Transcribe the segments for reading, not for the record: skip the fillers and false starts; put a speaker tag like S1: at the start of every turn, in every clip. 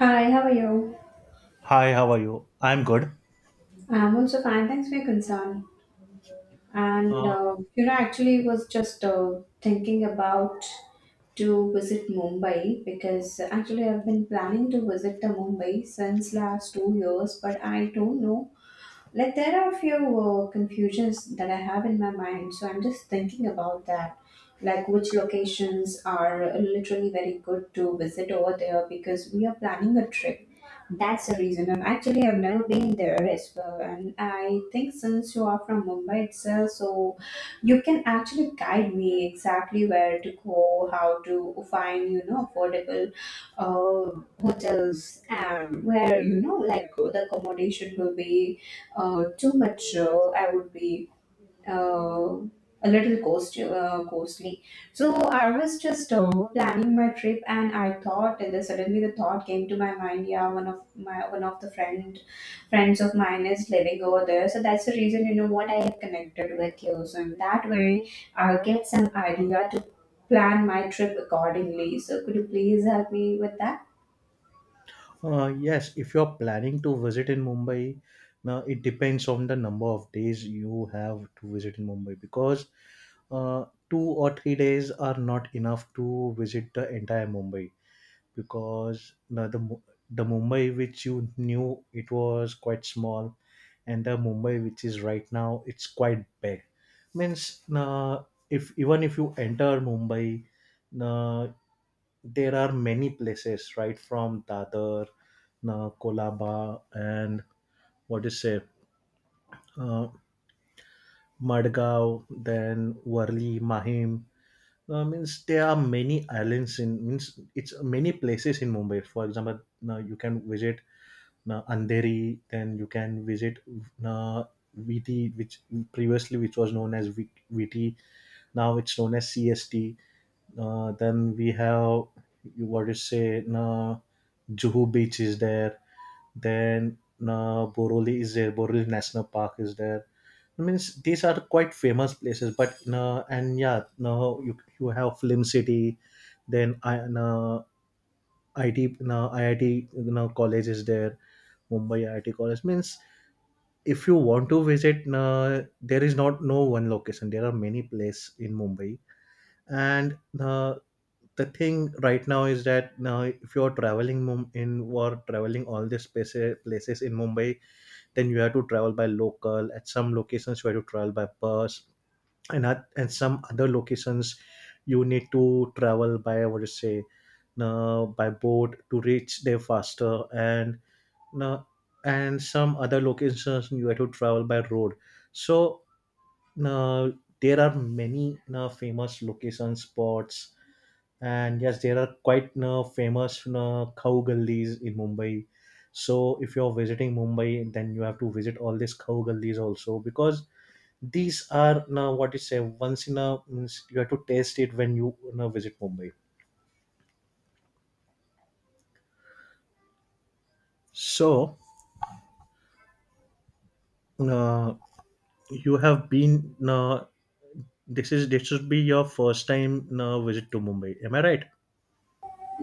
S1: Hi, how are you?
S2: Hi, how are you? I'm good.
S1: I'm also fine. Thanks for your concern. And
S2: Uh,
S1: you know, actually, was just thinking about to visit Mumbai because actually I've been planning to visit the Mumbai since last 2 years, but I don't know. Like there are a few confusions that I have in my mind, so I'm just thinking about that. Like which locations are literally very good to visit over there because we are planning a trip. That's the reason. And actually, I've never been there as well. And I think since you are from Mumbai itself, so you can actually guide me exactly where to go, how to find, you know, affordable hotels, and where, you know, like the accommodation will be too much. I would be uh, a little costly. So I was just planning my trip, and I thought, and then suddenly the thought came to my mind. Yeah, one of my one of the friend friends of mine is living over there, so that's the reason you know what I have connected with you. So in that way, I'll get some idea to plan my trip accordingly. So could you please help me with that?
S2: yes, if you're planning to visit in Mumbai, now it depends on the number of days you have to visit in Mumbai because 2 or 3 days are not enough to visit the entire Mumbai because now the the Mumbai which you knew it was quite small, and the Mumbai which is right now it's quite big. Means if even if you enter Mumbai. uh, there are many places right from Dadar, Kolaba, and what is say, uh, Madgaon, then Warli, Mahim. Means there are many islands in means it's many places in Mumbai. For example, now you can visit Andheri, then you can visit uh, VT, which previously which was known as VT, now it's known as CST. Then we have you what to say, Juhu Beach is there. Then Boroli is there. Boroli National Park is there. I mean, these are quite famous places. But and yeah, no, you have Film City, then I IT IIT you know, college is there. Mumbai IIT college means if you want to visit, there is not no one location. There are many places in Mumbai, and the thing right now is that now if you're traveling in or traveling all these places in Mumbai, then you have to travel by local, at some locations you have to travel by bus, and at and some other locations you need to travel by what do you say, by boat to reach there faster, uh, and some other locations you have to travel by road. So uh, there are many famous location spots, and yes there are quite famous cow gullies in Mumbai. So if you're visiting Mumbai, then you have to visit all these cow gullies also, because these are now what you say once in a means you have to taste it when you visit Mumbai. So uh, you have been this is this should be your first time visit to Mumbai, am I right?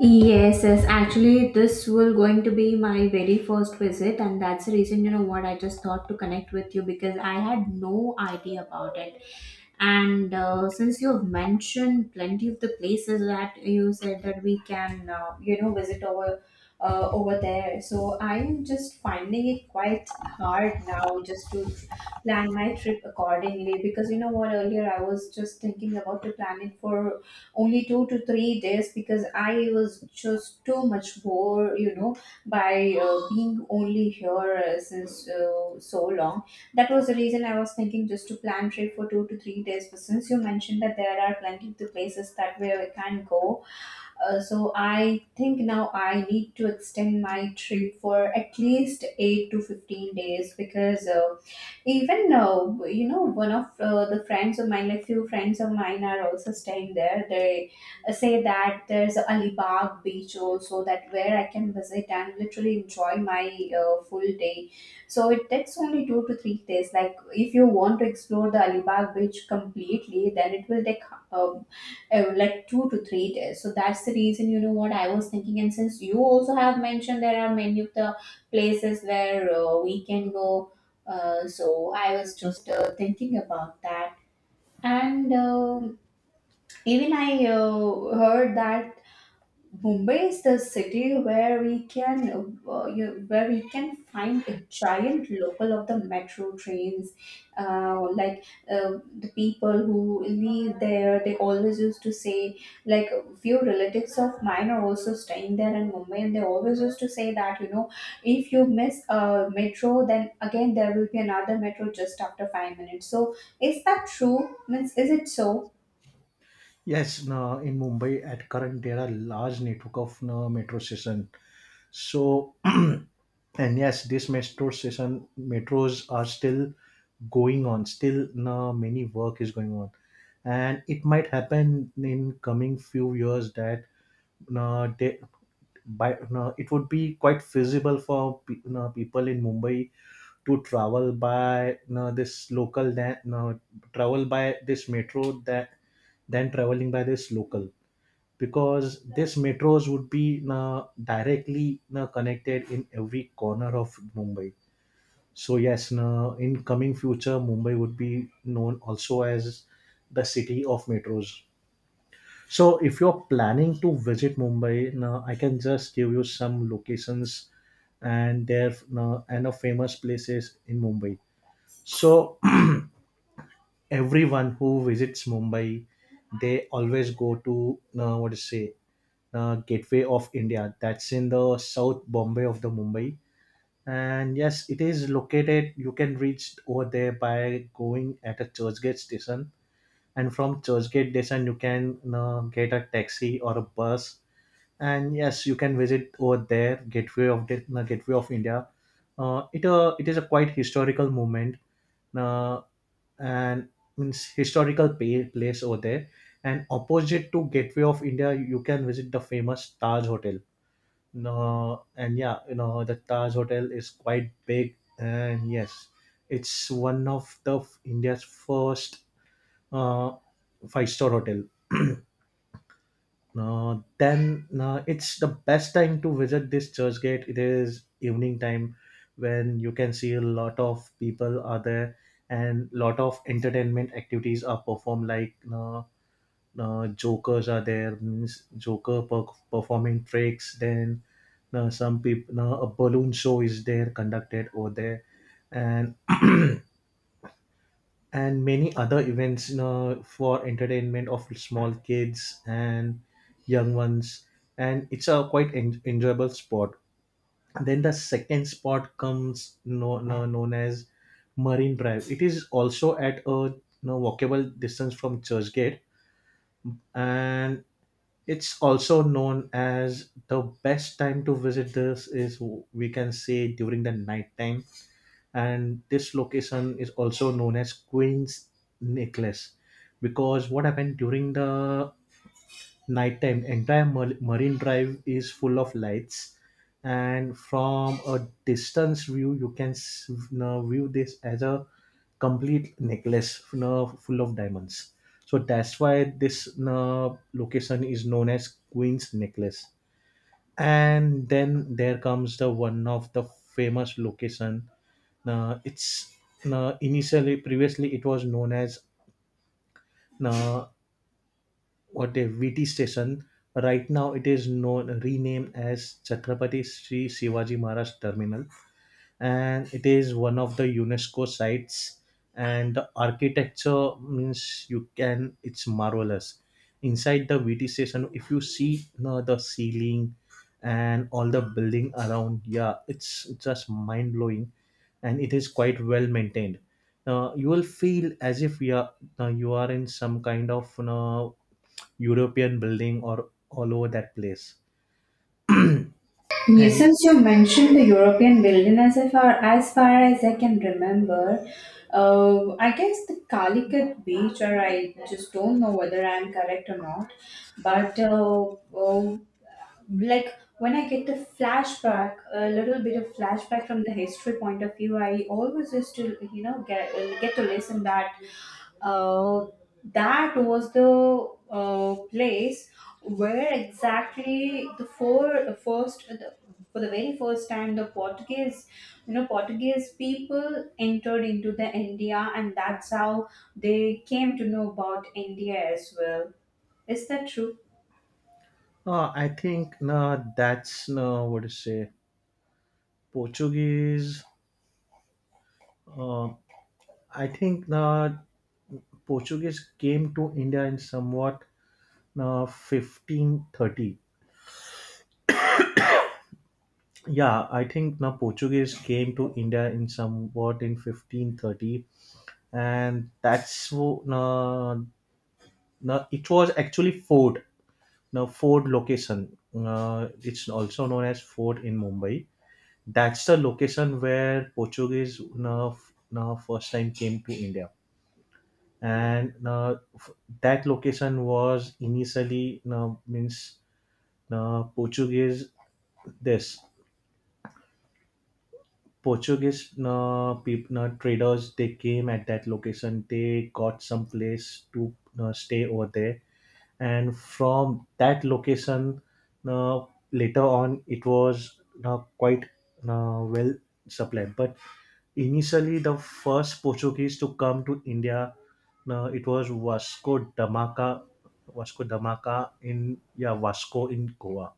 S1: Yes, yes. Actually, this will going to be my very first visit, and that's the reason you know what I just thought to connect with you because I had no idea about it. And since you've mentioned plenty of the places that you said that we can, you know, visit over there, so I'm just finding it quite hard now just to plan my trip accordingly because you know what earlier I was just thinking about to plan it for only 2 to 3 days because I was just too much bored, you know, by being only here since so long. That was the reason I was thinking just to plan trip for 2 to 3 days. But since you mentioned that there are plenty of the places that where we can go, so I think now I need to extend my trip for at least 8 to 15 days because even you know one of the friends of mine like few friends of mine are also staying there. They say that there's alibag beach also that where I can visit and literally enjoy my full day. So it takes only 2 to 3 days. Like if you want to explore the alibag beach completely then it will take uh, like 2 to 3 days. So that's the reason, you know what I was thinking. And since you also have mentioned there are many of the places where we can go, so I was just thinking about that. And even I heard that Mumbai is the city where we can where we can find a giant local of the metro trains. Uh, like uh, the people who live there, they always used to say like a few relatives of mine are also staying there in Mumbai, and they always used to say that you know if you miss a metro, then again there will be another metro just after 5 minutes. So is that true? Means is it so?
S2: Yes, no, in Mumbai at current there are large network of no, metro station. So, and yes, this metro station metros are still going on. Still, many work is going on, and it might happen in coming few years that they, by it would be quite feasible for people in Mumbai to travel by this local that travel by this metro that than traveling by this local, because this metros would be na, directly na, connected in every corner of Mumbai. So yes, na, in coming future, Mumbai would be known also as the city of metros. So if you're planning to visit Mumbai, na, I can just give you some locations and their na, and of famous places in Mumbai. So everyone who visits Mumbai, they always go to what to say the Gateway of India. That's in the South Bombay of the Mumbai. And yes, it is located. You can reach over there by going at a Churchgate station, and from Churchgate station you can get a taxi or a bus, and yes you can visit over there gateway of the gateway of India. It it is a quite historical movement uh, and means historical pay, place over there. And opposite to Gateway of India you can visit the famous Taj Hotel. No, and yeah you know the Taj Hotel is quite big and yes it's one of the India's first uh, five-star hotel. Then it's the best time to visit this church gate it is evening time, when you can see a lot of people are there and lot of entertainment activities are performed like jokers are there means performing tricks. Then some people a balloon show is there conducted over there, and and many other events you know, for entertainment of small kids and young ones, and it's a quite enjoyable spot. Then the second spot comes no, no, known as Marine Drive. It is also at a you know, walkable distance from Churchgate, and it's also known as the best time to visit this is we can say during the night time. And this location is also known as Queen's Necklace, because what happened during the nighttime entire Marine Drive is full of lights, and from a distance view you can now view this as a complete necklace now full of diamonds. So that's why this now location is known as Queen's Necklace. And then there comes the one of the famous location, now it's now initially previously it was known as now what a VT station. Right now it is known renamed as Chhatrapati Sri Shivaji Maharaj Terminal, and it is one of the UNESCO sites. And the architecture means you can it's marvelous. Inside the VT station, if you see you the ceiling and all the building around, yeah, it's just mind blowing, and it is quite well maintained. You will feel as if you are you are in some kind of you know, European building or all over that place.
S1: Yes.
S2: And
S1: Since you mentioned the European wilderness, as far as far as I can remember, I guess the Calicut beach, or I just don't know whether I'm correct or not, but like when I get the flashback, a little bit of flashback from the history point of view, I always used to, you know, get to listen that uh, that was the place where exactly the for the very first time the portuguese you know portuguese people entered into the india and that's how they came to know about india as well. Is that true?
S2: I think that's what to say. Portuguese, uh, I think the Portuguese came to India in somewhat 1530. Yeah, I think the Portuguese came to India in somewhat in 1530, and that's no, it was actually Ford, now Ford location. It's also known as Ford in Mumbai. That's the location where Portuguese no, no, first time came to India, and that location was initially means Portuguese this Portuguese people traders they came at that location they got some place to stay over there, and from that location uh, later on it was quite well supplied but initially, the first Portuguese to come to India, no, it was Vasco da Gama in yeah Vasco in Goa.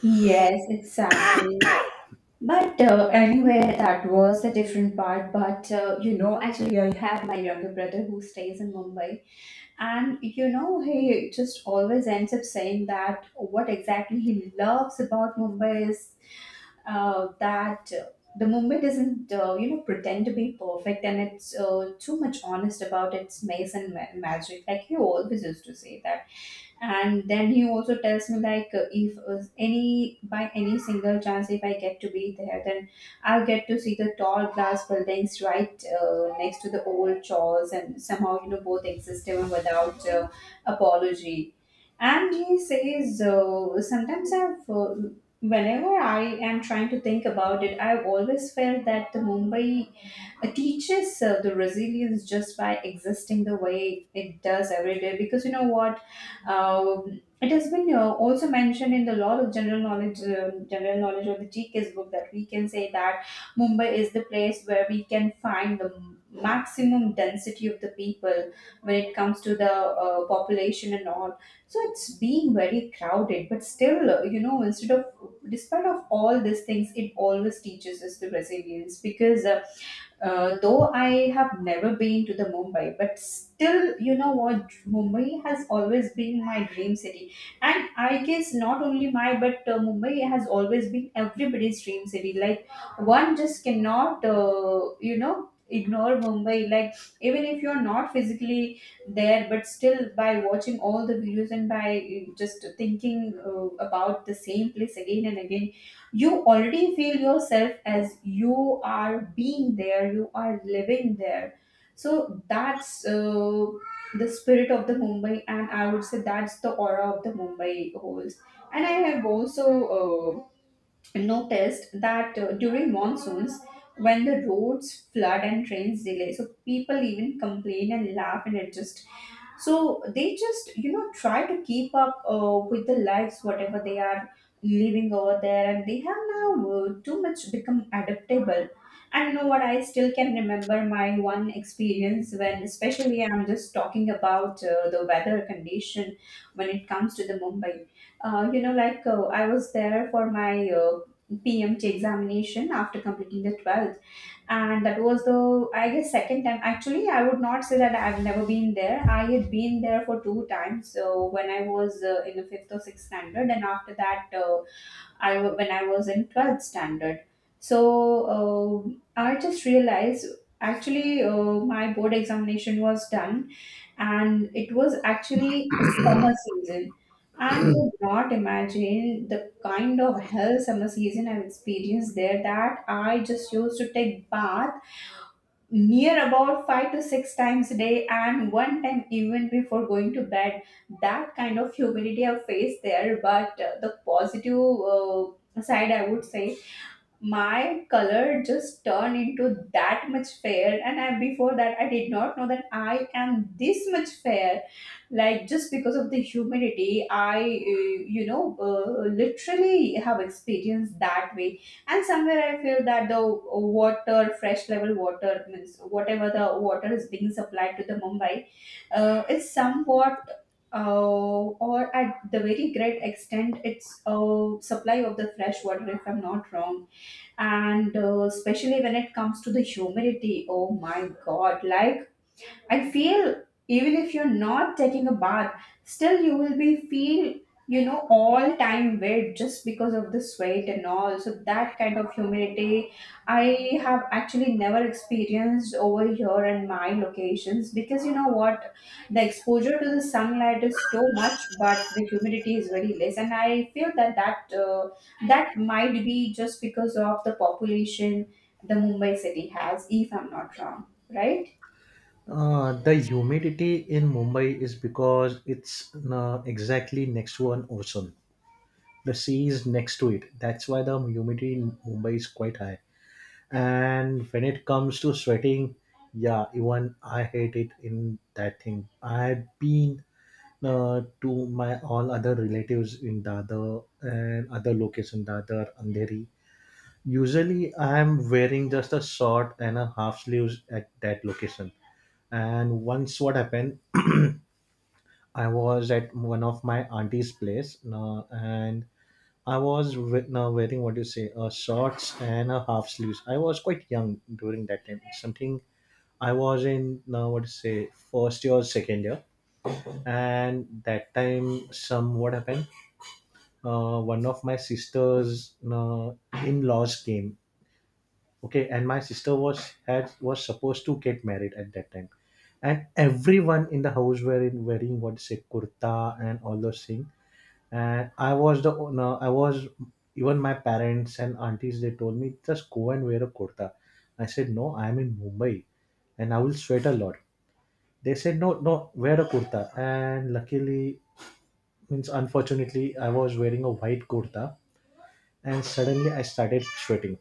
S1: Yes, exactly. But anyway, that was a different part. But you know, actually, I have my younger brother who stays in Mumbai. And you know, he just always ends up saying that what exactly he loves about Mumbai is that the Mumbai doesn't, you know, pretend to be perfect and it's too much honest about its maze and magic. Like he always used to say that and then he also tells me like if any by any single chance if I get to be there then I'll get to see the tall glass buildings right next to the old church and somehow you know both exist even without apology. And he says sometimes I've whenever I am trying to think about it I've always felt that the mumbai it teaches the resilience just by existing the way it does every day because you know what it has been also mentioned in the law of general knowledge of the gks book that we can say that mumbai is the place where we can find the maximum density of the people when it comes to the population and all. So it's being very crowded but still you know instead of despite of all these things it always teaches us the resilience because though I have never been to the Mumbai, but still, you know what, Mumbai has always been my dream city, and I guess not only my but Mumbai has always been everybody's dream city. Like one just cannot, you know, ignore Mumbai. Like even if you're not physically there, but still by watching all the videos and by just thinking about the same place again and again you already feel yourself as you are being there you are living there. So that's the spirit of the mumbai and I would say that's the aura of the mumbai holds. And I have also uh, noticed that during monsoons, when the roads flood and trains delay, so people even complain and laugh and adjust. So they just, you know, try to keep up with the lives, whatever they are living over there, and they have now too much become adaptable. And you know what? I still can remember my one experience when, especially, I'm just talking about the weather condition when it comes to the Mumbai. I was there for my PMT examination after completing the 12th, and that was the I guess second time. Actually I would not say that I've never been there. I had been there for 2 times. So when I was in the fifth or sixth standard and after that when I was in 12th standard. So I just realized actually my board examination was done and it was actually a summer season. And you would not imagine the kind of hell summer season I've experienced there that I just used to take bath near about 5 to 6 times a day and one time even before going to bed. That kind of humidity I faced there but the positive side I would say my color just turned into that much fair and before that I did not know that I am this much fair. Like just because of the humidity I you know literally have experienced that way. And somewhere I feel that the water fresh level water means whatever the water is being supplied to the mumbai is somewhat uh, or at the very great extent it's a supply of the fresh water if I'm not wrong. And especially when it comes to the humidity oh my god like I feel even if you're not taking a bath, still you will be feel you know all time wet just because of the sweat and all. So that kind of humidity I have actually never experienced over here in my locations because you know what the exposure to the sunlight is too much, but the humidity is very less, and I feel that that might be just because of the population the Mumbai city has, if I'm not wrong, right?
S2: The humidity in Mumbai is because it's exactly next to an ocean. The sea is next to it. That's why the humidity in Mumbai is quite high. And when it comes to sweating, yeah, even I hate it in that thing. I've been to my all other relatives in Dadar and other location Dadar, Andheri. Usually, I am wearing just a short and a half sleeves at that location. And once what happened, I was at one of my auntie's place, and I was now wearing what you say, shorts and a half sleeves. I was quite young during that time. Something I was in now what you say first year, second year, and that time some what happened one of my sisters in-laws came. Okay, and my sister was had was supposed to get married at that time, and everyone in the house were in wearing what say kurta and all those things, and I was the no, I was even my parents and aunties they told me just go and wear a kurta. I said no, I am in Mumbai and I will sweat a lot. They said no no wear a kurta, and luckily means unfortunately I was wearing a white kurta, and suddenly I started sweating.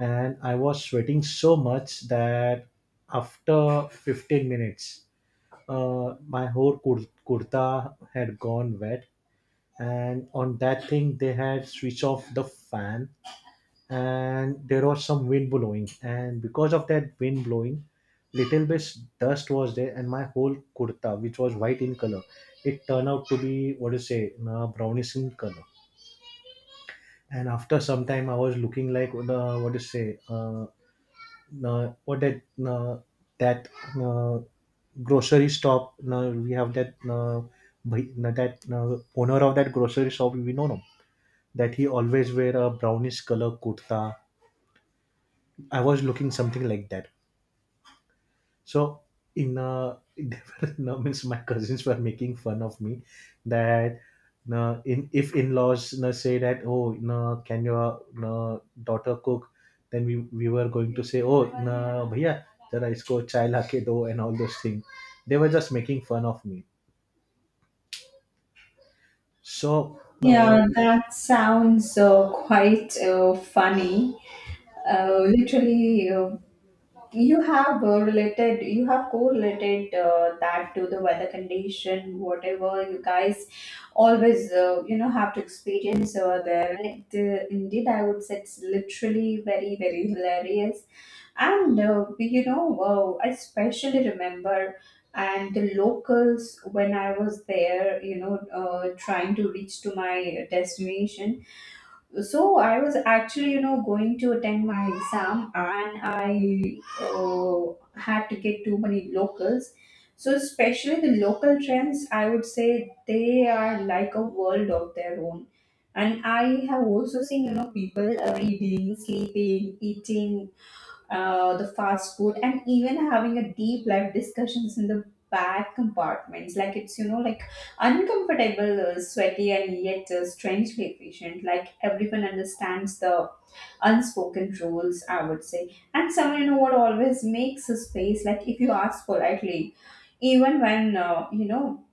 S2: And I was sweating so much that after 15 minutes, my whole kurta had gone wet. And on that thing, they had switched off the fan, and there was some wind blowing. And because of that wind blowing, little bit dust was there, and my whole kurta, which was white in color, it turned out to be what do you say, brownish in color. And after some time I was looking like the what to say what that uh, that uh, grocery shop we have that that owner of that grocery shop we know no, that he always wear a brownish color kurta, I was looking something like that. So in there were, no, means my cousins were making fun of me that no, in if in-laws no, say that oh no, can your no, daughter cook, then we were going to say oh no, bhaiya जरा इसको चाय ला के दो and all those things. They were just making fun of me. So no,
S1: Yeah, that sounds quite funny. Literally, you have you have correlated that to the weather condition, whatever you guys always, you know, have to experience over there. And it, indeed, I would say it's literally very, very hilarious and you know, wow, I especially remember, and the locals when I was there, you know, trying to reach to my destination. So I was actually, you know, going to attend my exam, and I had to get too many locals. So especially the local trends, I would say they are like a world of their own. And I have also seen, people reading, sleeping, eating, the fast food, and even having a deep life discussions in the back compartments. Like it's like uncomfortable, sweaty, and yet strangely efficient. Like everyone understands the unspoken rules, I would say, and someone you know what always makes a space. Like if you ask politely, even when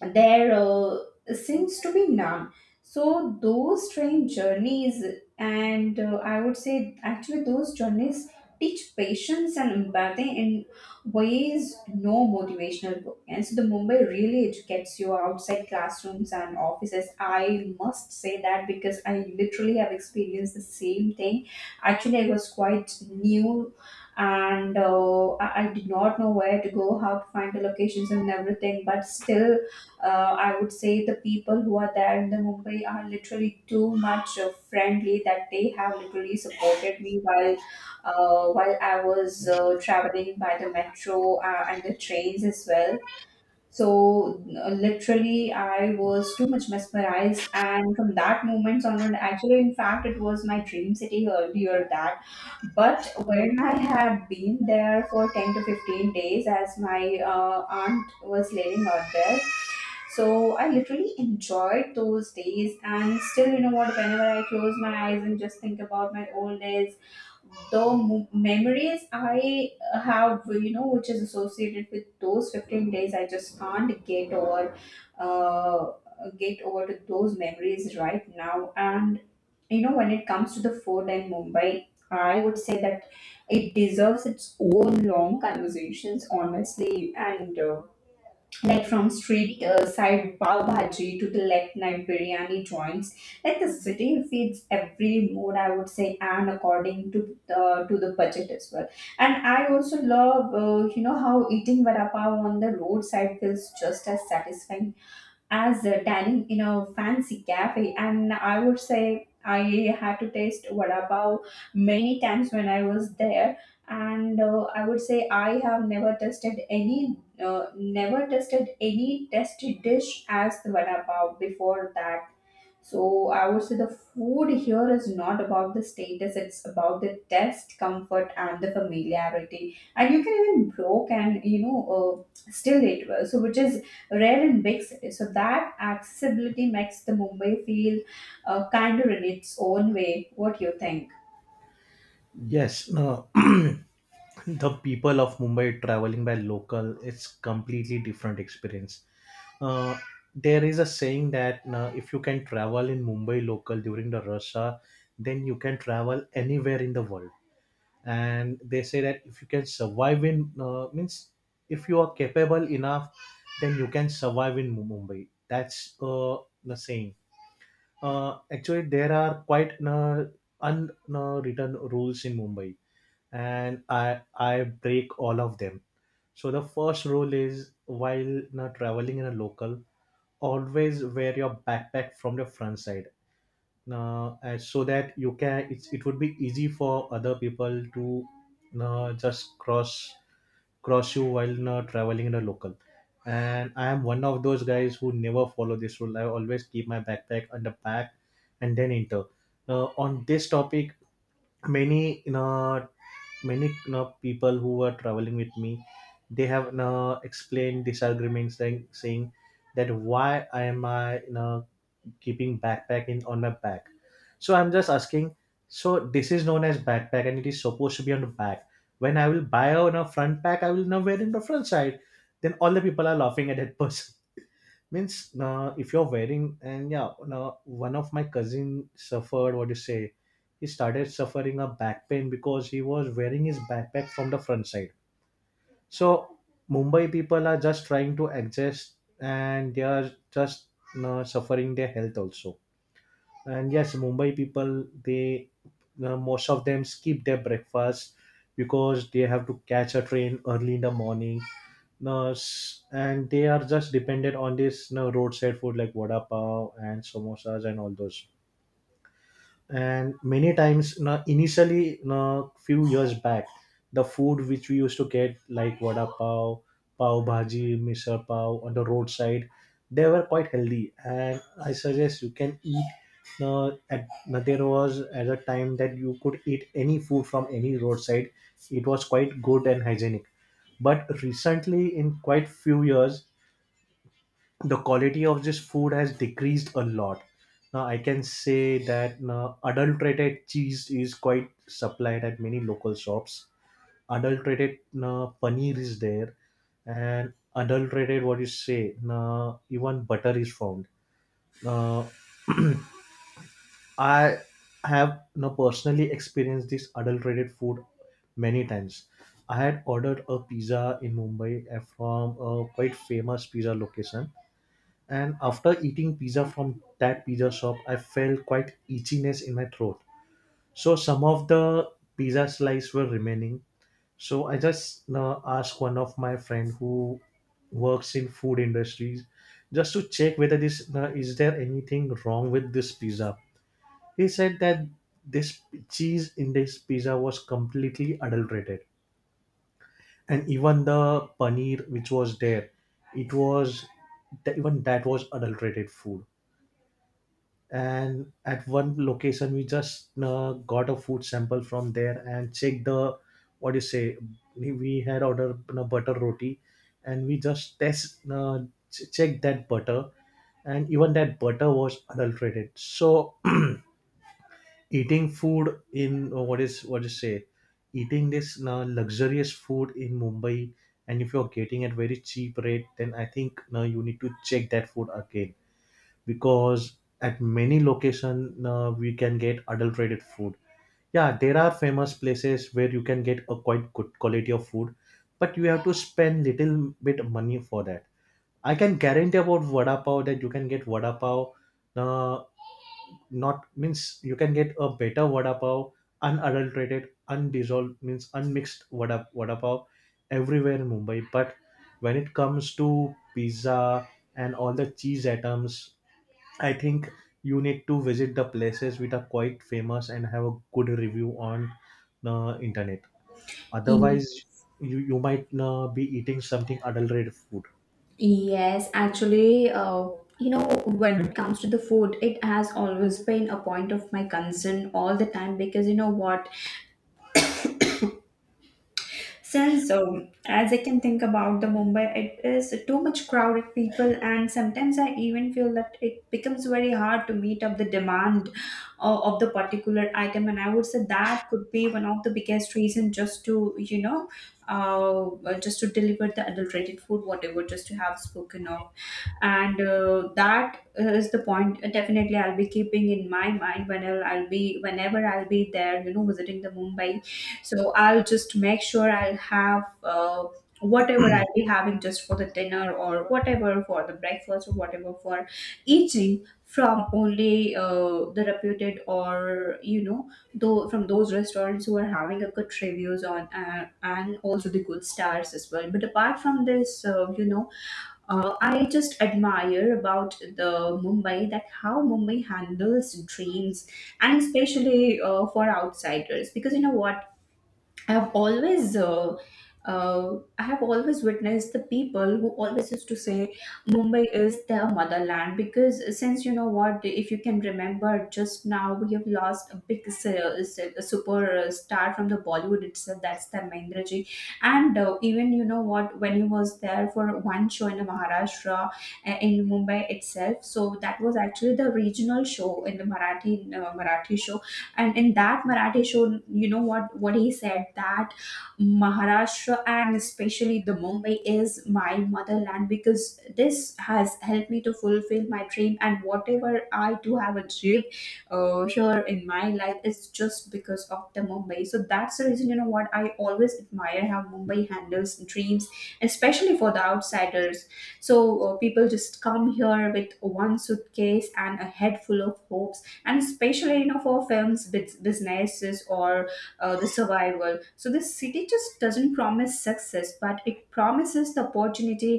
S1: there seems to be none. So those train journeys, and I would say actually those journeys teach patience and empathy in ways no motivational book. And so the Mumbai really educates you outside classrooms and offices. I must say that because I literally have experienced the same thing. Actually, I was quite new and I did not know where to go, how to find the locations and everything. But still, uh, I would say the people who are there in the Mumbai are literally too much friendly that they have literally supported me while while I was traveling by the metro and the trains as well. So literally, I was too much mesmerized, and from that moment onward, actually, in fact, it was my dream city earlier that. But when I had been there for 10 to 15 days, as my aunt was living out there, so I literally enjoyed those days. And still, you know what? Whenever I close my eyes and just think about my old days, the memories I have, you know, which is associated with those 15 days, I just can't get over, uh, get over to those memories right now. And you know, when it comes to the food in Mumbai, I would say that it deserves its own long conversations, honestly. And like from street side pav bhaji to the late night biryani joints, like the city feeds every mood, I would say, and according to the, to the budget as well. And I also love, how eating vada pav on the roadside feels just as satisfying as dining in a fancy cafe. And I would say I had to taste vada pav many times when I was there. And I would say I have never tasted any tasty dish as the vada pav before that. So I would say the food here is not about the status, it's about the taste, comfort, and the familiarity. And you can even broke and still it was so, which is rare in big cities. So that accessibility makes the Mumbai feel kinder in its own way. What do you think?
S2: yes, no, the people of Mumbai traveling by local, it's completely different experience. uh, there is a saying that if you can travel in Mumbai local during the rush hour, then you can travel anywhere in the world. And they say that if you can survive in means if you are capable enough, then you can survive in Mumbai. That's the saying. Actually, there are quite unwritten rules in Mumbai, and I break all of them. So the first rule is while traveling in a local, always wear your backpack from the front side, and so that you can it would be easy for other people to just cross you while traveling in a local. And I am one of those guys who never follow this rule. I always keep my backpack on the back and then enter. On this topic, many you know, people who were traveling with me, they have explained disagreements, saying that why am I keeping backpack in on my back. So I'm just asking, so this is known as backpack and it is supposed to be on the back. When I will buy on a front pack, I will now wear in the front side, then all the people are laughing at that person. Means if you're wearing and yeah, one of my cousin suffered, what do you say, he started suffering a back pain because he was wearing his backpack from the front side. So Mumbai people are just trying to adjust, and they are just suffering their health also. And yes, Mumbai people, they most of them skip their breakfast because they have to catch a train early in the morning. No, and they are just dependent on this, no, roadside food like vada pav and samosas and all those. And many times, initially, few years back, the food which we used to get like vada pav, pav bhaji, misal pav on the roadside, they were quite healthy and I suggest you can eat. At now, there was at a time that you could eat any food from any roadside. It was quite good and hygienic, but recently in quite few years, the quality of this food has decreased a lot. Now I can say that now adulterated cheese is quite supplied at many local shops. Adulterated now paneer is there, and adulterated, what you say, now even butter is found. Now I have now personally experienced this adulterated food many times. I had ordered a pizza in Mumbai from a quite famous pizza location. And after eating pizza from that pizza shop, I felt quite itchiness in my throat. So some of the pizza slices were remaining. So I just asked one of my friend who works in food industries just to check whether this is there anything wrong with this pizza. He said that this cheese in this pizza was completely adulterated, and even the paneer which was there, it was, that even that was adulterated food. And at one location we just got a food sample from there and checked the, what do you say, we had ordered, butter roti, and we just checked that butter, and even that butter was adulterated. So eating food in what is, what you say, eating this luxurious food in Mumbai, and if you're getting at very cheap rate, then I think now you need to check that food again, because at many location we can get adulterated food. Yeah, there are famous places where you can get a quite good quality of food, but you have to spend little bit money for that. I can guarantee about vada pav that you can get vada pav, uh, not means you can get a better vada pav, unadulterated, undissolved, means unmixed, vada pav everywhere in Mumbai. But when it comes to pizza and all the cheese items, I think you need to visit the places which are quite famous and have a good review on the internet.
S1: E-
S2: Otherwise, you might be eating something adulterated food.
S1: Yes, actually, you know, when it comes to the food, it has always been a point of my concern all the time because you know what, since so, as I can think about the Mumbai, it is too much crowded people, and sometimes I even feel that it becomes very hard to meet up the demand of the particular item. And I would say that could be one of the biggest reason just to just to deliver the adulterated food, whatever, just to have spoken of. And that is the point definitely I'll be keeping in my mind whenever I'll be, whenever I'll be there, you know, visiting the Mumbai. So I'll just make sure I'll have, whatever I'll be having just for the dinner or whatever, for the breakfast or whatever, for eating from only the reputed or, you know, though from those restaurants who are having a good reviews on, and also the good stars as well. But apart from this, I just admire about the Mumbai, that how Mumbai handles dreams, and especially for outsiders. Because you know what, I've always uh, I have always witnessed the people who always used to say Mumbai is their motherland. Because since you know what, if you can remember, just now we have lost a big super star from the Bollywood itself, that's the Mahendra. And even you know what, when he was there for one show in Maharashtra, in Mumbai itself, so that was actually the regional show in the Marathi, Marathi show. And in that Marathi show, you know what he said that Maharashtra and especially the Mumbai is my motherland, because this has helped me to fulfill my dream. And whatever I do have achieved here in my life is just because of the Mumbai. So that's the reason, you know what, I always admire how Mumbai handles dreams, especially for the outsiders. So people just come here with one suitcase and a head full of hopes, and especially, you know, for films, businesses, or the survival. So the city just doesn't promise success, but it promises the opportunity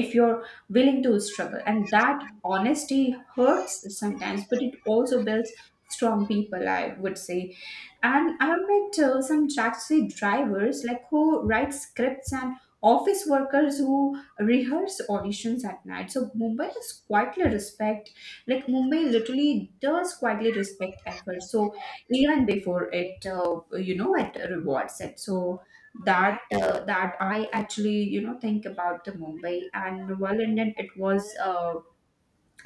S1: if you're willing to struggle. And that honesty hurts sometimes, but it also builds strong people, I would say. And I have met some taxi drivers, like, who write scripts, and office workers who rehearse auditions at night. So Mumbai is quietly respect, like Mumbai literally does quietly respect effort. So even before it, it rewards it. So that I actually, you know, think about the Mumbai. And well, it was.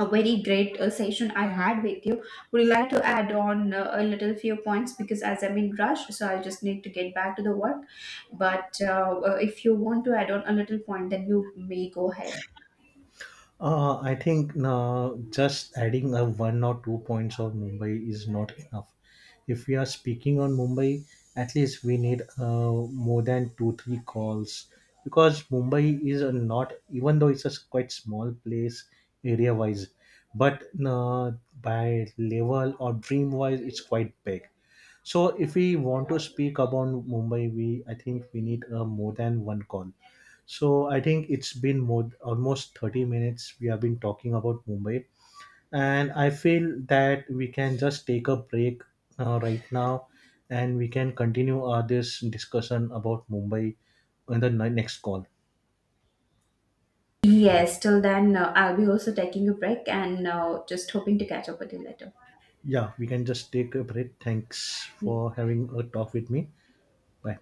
S1: A very great session I had with you. Would you like to add on a little few points, because as I'm in rush, so I just need to get back to the work. But if you want to add on a little point, then you may go ahead.
S2: I think just adding a one or two points of Mumbai is not enough. If we are speaking on Mumbai, at least we need more than two, three calls, because Mumbai is a not, even though it's a quite small place area wise, but by level or dream wise, it's quite big. So if we want to speak about Mumbai, we I think we need more than one call. So I think it's been more almost 30 minutes we have been talking about Mumbai, and I feel that we can just take a break right now, and we can continue this discussion about Mumbai in the next call.
S1: Yes, till then, I'll be also taking a break and just hoping to catch up with you later.
S2: Yeah, we can just take a break. Thanks
S1: Yeah.
S2: for having a talk with me. Bye.